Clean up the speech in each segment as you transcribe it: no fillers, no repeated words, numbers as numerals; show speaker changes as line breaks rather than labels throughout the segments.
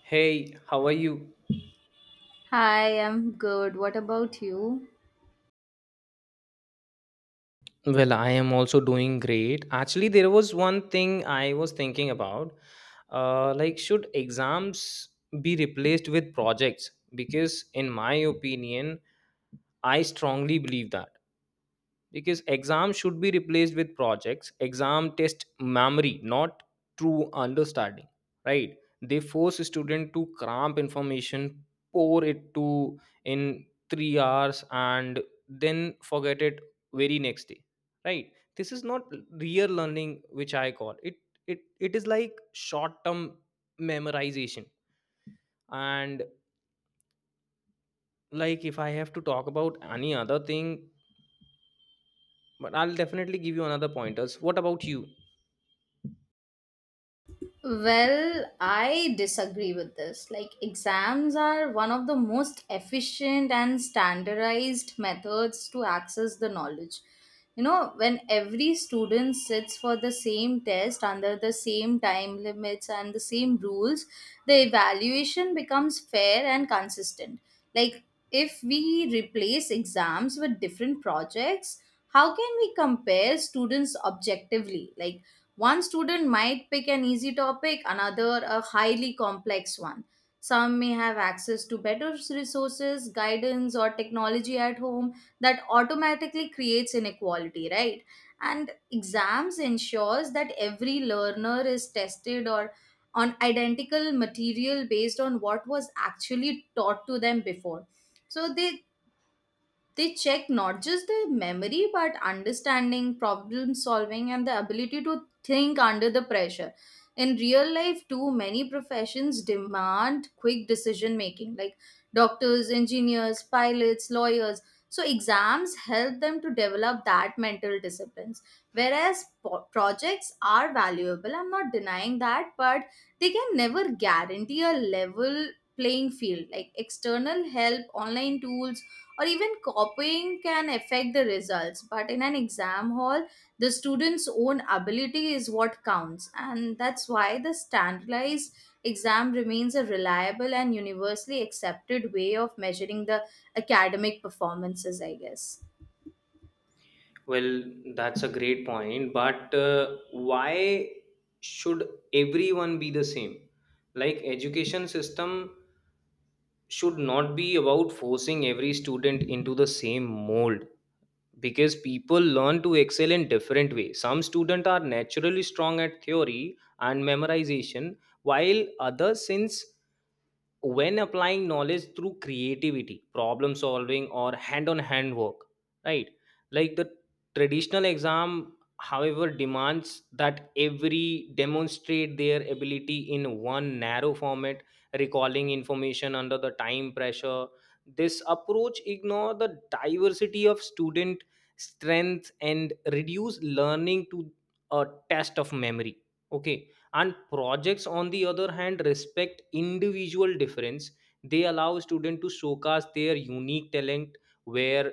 Hey, how are you?
Hi, I'm good. What about you?
Well, I am also doing great. Actually, there was one thing I was thinking about. Like, should exams be replaced with projects? Because, in my opinion, I strongly believe that, because exams should be replaced with projects. Exam test memory, not true understanding, right? They force student to cramp information, pour it to in 3 hours, and then forget it very next day, right? This is not real learning, which I call it. It it is like short term memorization. And, like, if I have to talk about any other thing. But I'll definitely give you another pointers. What about you?
Well, I disagree with this. Like, exams are one of the most efficient and standardized methods to access the knowledge. You know, when every student sits for the same test under the same time limits and the same rules, the evaluation becomes fair and consistent. Like, if we replace exams with different projects, how can we compare students objectively? Like, one student might pick an easy topic, another a highly complex one. Some may have access to better resources, guidance, or technology at home that automatically creates inequality, right? And exams ensures that every learner is tested or on identical material based on what was actually taught to them before, so they check not just the memory but understanding, problem solving, and the ability to think under the pressure. In real life, too many professions demand quick decision making, like doctors, engineers, pilots, lawyers, so exams help them to develop that mental disciplines. Whereas projects are valuable, I'm not denying that, but they can never guarantee a level playing field. Like external help, online tools, or even copying can affect the results. But in an exam hall, the student's own ability is what counts, and that's why the standardized exam remains a reliable and universally accepted way of measuring the academic performances, I guess.
Well, that's a great point, but why should everyone be the same? Like, education system should not be about forcing every student into the same mold, because people learn to excel in different ways. Some students are naturally strong at theory and memorization, while others since when applying knowledge through creativity, problem solving, or hand on hand work, right? Like the traditional exam however demands that every demonstrate their ability in one narrow format, recalling information under the time pressure. This approach ignore the diversity of student strength and reduce learning to a test of memory. Okay. And projects, on the other hand, respect individual difference. They allow students to showcase their unique talent, where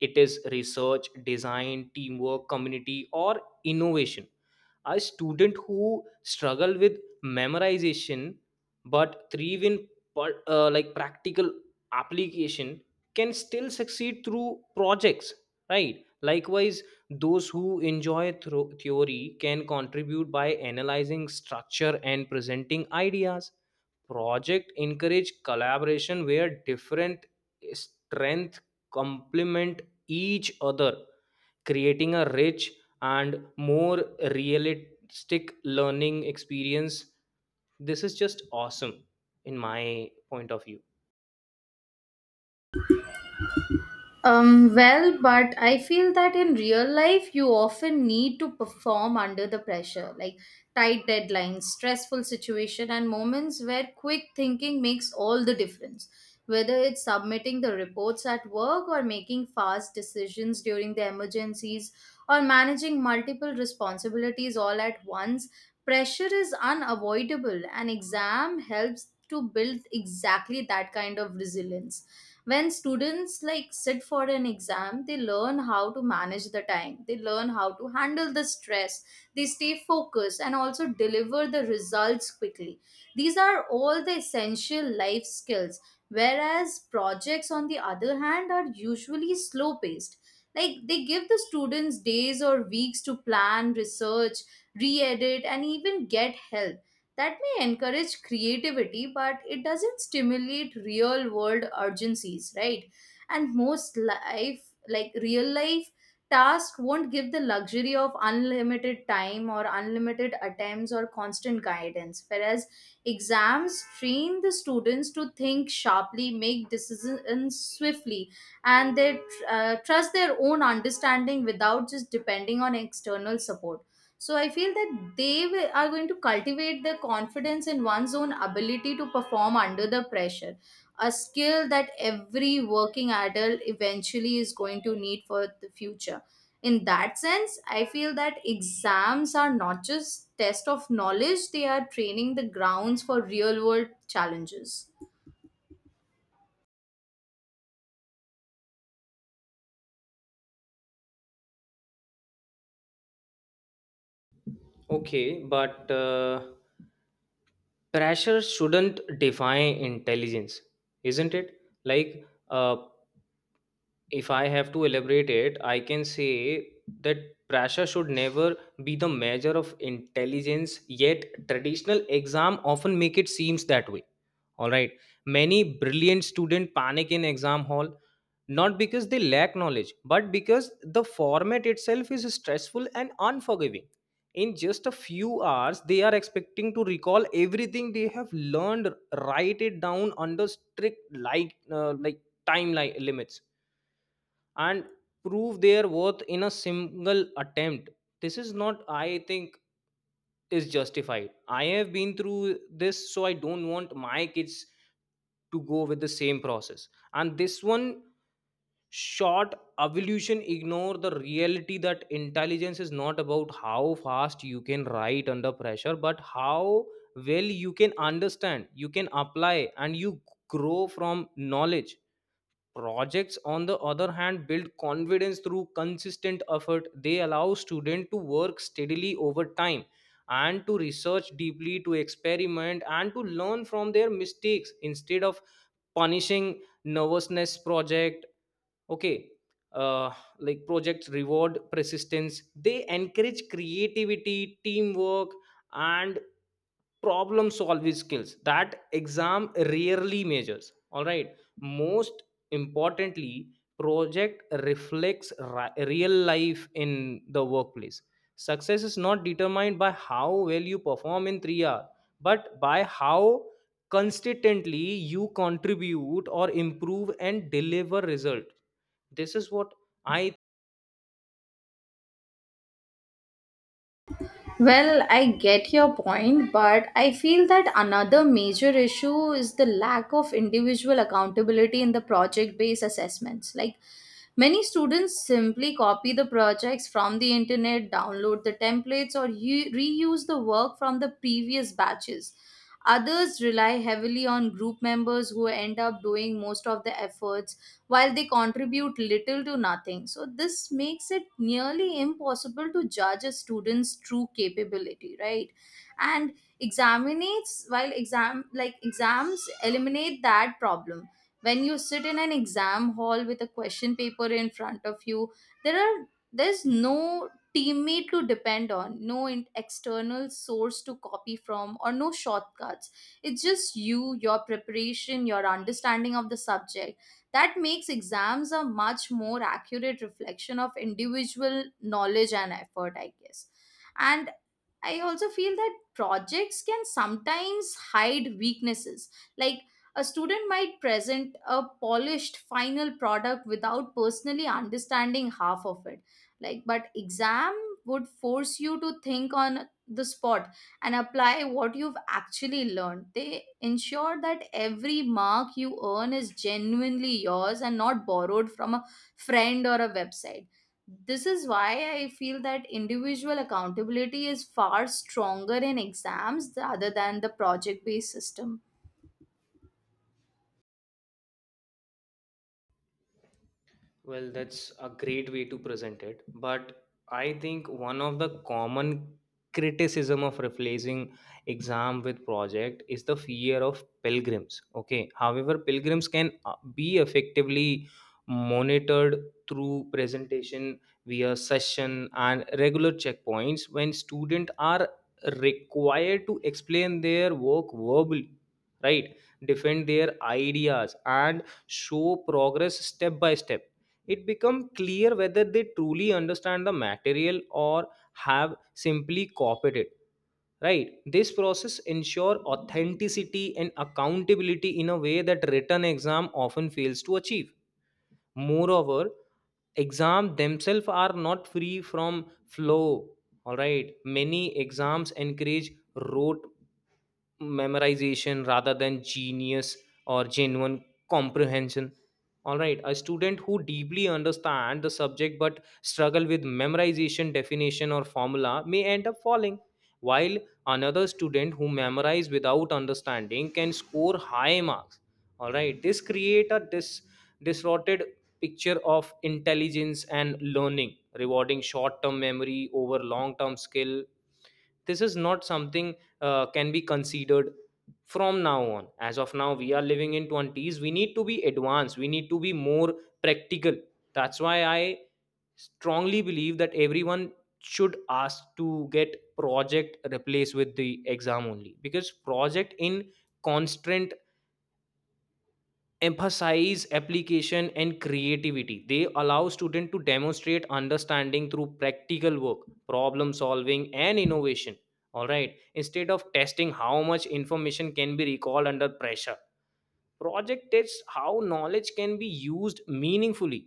it is research, design, teamwork, community, or innovation. A student who struggle with memorization but thrive in like practical application can still succeed through projects, right? Likewise, those who enjoy theory can contribute by analyzing structure and presenting ideas. Project encourage collaboration where different strength complement each other, creating a rich and more realistic learning experience. This is just awesome in my point of view.
Well, but I feel that in real life, you often need to perform under the pressure, like tight deadlines, stressful situation, and moments where quick thinking makes all the difference. Whether it's submitting the reports at work or making fast decisions during the emergencies or managing multiple responsibilities all at once, pressure is unavoidable. And exam helps to build exactly that kind of resilience. When students like sit for an exam, they learn how to manage the time, they learn how to handle the stress, they stay focused and also deliver the results quickly. These are all the essential life skills. Whereas projects, on the other hand, are usually slow paced. Like they give the students days or weeks to plan, research, re-edit, and even get help. That may encourage creativity, but it doesn't stimulate real world urgencies, right? And most life, like real life tasks, won't give the luxury of unlimited time or unlimited attempts or constant guidance. Whereas exams train the students to think sharply, make decisions swiftly, and they trust their own understanding without just depending on external support. So I feel that are going to cultivate their confidence in one's own ability to perform under the pressure, a skill that every working adult eventually is going to need for the future. In that sense, I feel that exams are not just test of knowledge, they are training the grounds for real world challenges.
Okay, but pressure shouldn't define intelligence, isn't it? Like, if I have to elaborate it, I can say that pressure should never be the measure of intelligence. Yet, traditional exam often make it seems that way. All right, many brilliant student panic in exam hall, not because they lack knowledge but because the format itself is stressful and unforgiving. In just a few hours they are expecting to recall everything they have learned, write it down under strict like timeline limits, and prove their worth in a single attempt. This is not, I think, is justified. I have been through this, so I don't want my kids to go with the same process. And this one short evolution ignore the reality that intelligence is not about how fast you can write under pressure but how well you can understand, you can apply, and you grow from knowledge. Projects, on the other hand, build confidence through consistent effort. They allow students to work steadily over time and to research deeply, to experiment, and to learn from their mistakes, instead of punishing nervousness project. Okay. Uh, like projects reward persistence. They encourage creativity, teamwork, and problem solving skills that exam rarely measures. All right. Most importantly, project reflects real life in the workplace. Success is not determined by how well you perform in 3 hours, but by how consistently you contribute or improve and deliver result. This is what I.
Well, I get your point, but I feel that another major issue is the lack of individual accountability in the project based assessments. Like, many students simply copy the projects from the internet, download the templates, or reuse the work from the previous batches. Others rely heavily on group members who end up doing most of the efforts while they contribute little to nothing. So, this makes it nearly impossible to judge a student's true capability, right? And examinates while exam like exams eliminate that problem. When you sit in an exam hall with a question paper in front of you, there are there's no teammate to depend on, no external source to copy from, or no shortcuts. It's just you, your preparation, your understanding of the subject. That makes exams a much more accurate reflection of individual knowledge and effort, I guess. And I also feel that projects can sometimes hide weaknesses. Like a student might present a polished final product without personally understanding half of it. Like, but exam would force you to think on the spot and apply what you've actually learned. They ensure that every mark you earn is genuinely yours and not borrowed from a friend or a website. This is why I feel that individual accountability is far stronger in exams rather than the project based system.
Well, that's a great way to present it. But I think one of the common criticism of replacing exam with project is the fear of pilgrims. Okay. However, pilgrims can be effectively monitored through presentation via session and regular checkpoints when students are required to explain their work verbally, right? Defend their ideas and show progress step by step. It becomes clear whether they truly understand the material or have simply copied it, right? This process ensure authenticity and accountability in a way that written exam often fails to achieve. Moreover, exams themselves are not free from flow. All right, many exams encourage rote memorization rather than genius or genuine comprehension. All right, a student who deeply understand the subject but struggle with memorization definition or formula may end up falling, while another student who memorize without understanding can score high marks. All right, this create a distorted picture of intelligence and learning, rewarding short term memory over long term skill. This is not something can be considered from now on. As of now, we are living in 20s. We need to be advanced, we need to be more practical. That's why I strongly believe that everyone should ask to get project replaced with the exam, only because project in constant emphasize application and creativity. They allow students to demonstrate understanding through practical work, problem solving, and innovation. All right, instead of testing how much information can be recalled under pressure, project tests how knowledge can be used meaningfully.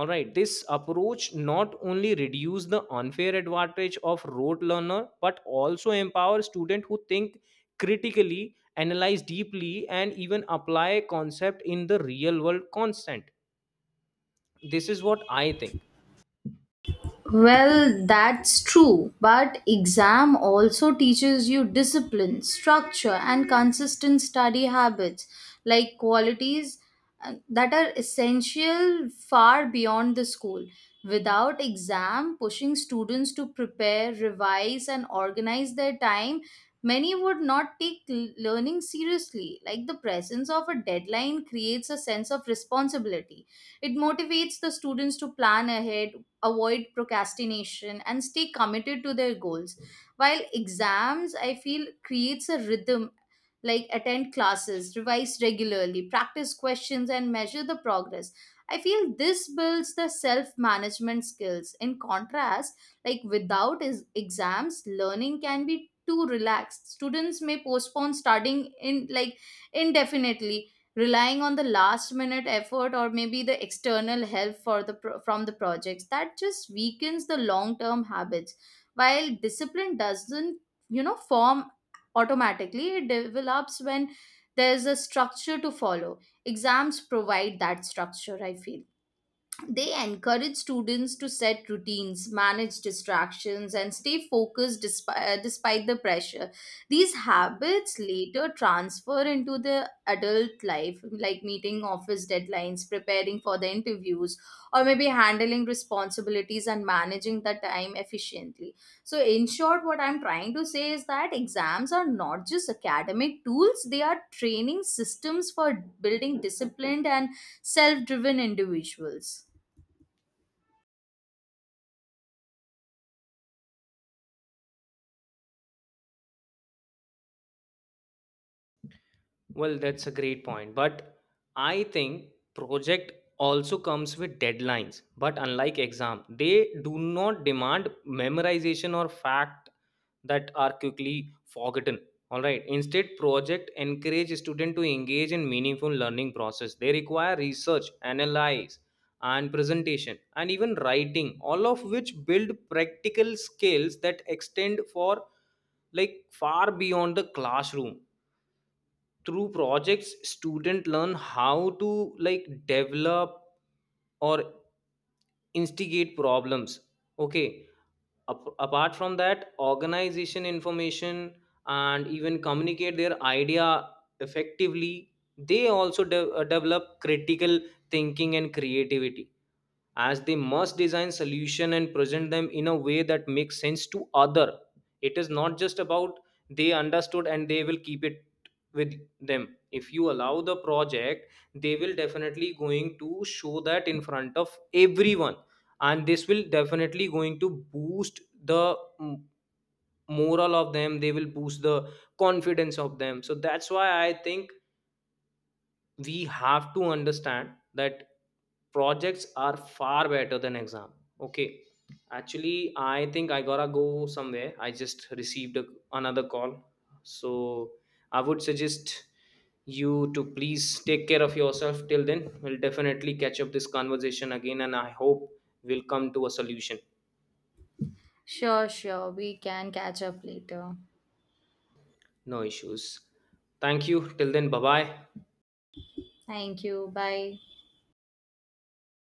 All right, this approach not only reduce the unfair advantage of rote learner but also empower students who think critically, analyze deeply, and even apply concept in the real world constant. This is what I think.
Well, that's true, but exam also teaches you discipline, structure, and consistent study habits, like qualities that are essential far beyond the school. Without exam pushing students to prepare, revise, and organize their time, many would not take learning seriously. Like the presence of a deadline creates a sense of responsibility. It motivates the students to plan ahead, avoid procrastination, and stay committed to their goals. While exams, I feel, creates a rhythm, like attend classes, revise regularly, practice questions, and measure the progress. I feel this builds the self management skills. In contrast, like without exams, learning can be too relaxed. Students may postpone studying in like indefinitely, relying on the last minute effort or maybe the external help for the from the projects. That just weakens the long term habits. While discipline doesn't, you know, form automatically, it develops when there's a structure to follow. Exams provide that structure, I feel. They encourage students to set routines, manage distractions, and stay focused despite the pressure. These habits later transfer into the adult life, like meeting office deadlines, preparing for the interviews, or maybe handling responsibilities and managing the time efficiently. So, in short, what I'm trying to say is that exams are not just academic tools, they are training systems for building disciplined and self driven individuals.
Well, that's a great point. But I think project also comes with deadlines. But unlike exam, they do not demand memorization or fact that are quickly forgotten. All right. Instead, project encourage student to engage in meaningful learning process. They require research, analyze, and presentation, and even writing, all of which build practical skills that extend for like far beyond the classroom. Through projects student learn how to, like, develop or instigate problems. Okay. Apart from that, organization information, and even communicate their idea effectively. They also develop critical thinking and creativity, as they must design solution and present them in a way that makes sense to other. It is not just about they understood and they will keep it with them. If you allow the project, they will definitely going to show that in front of everyone. And this will definitely going to boost the moral of them. They will boost the confidence of them. So that's why I think we have to understand that projects are far better than exam. Okay. Actually, I think I gotta go somewhere. I just received another call. So I would suggest you to please take care of yourself. Till then, we'll definitely catch up this conversation again, and I hope we'll come to a solution.
Sure, sure. We can catch up later.
No issues. Thank you. Till then, bye bye.
Thank you. Bye.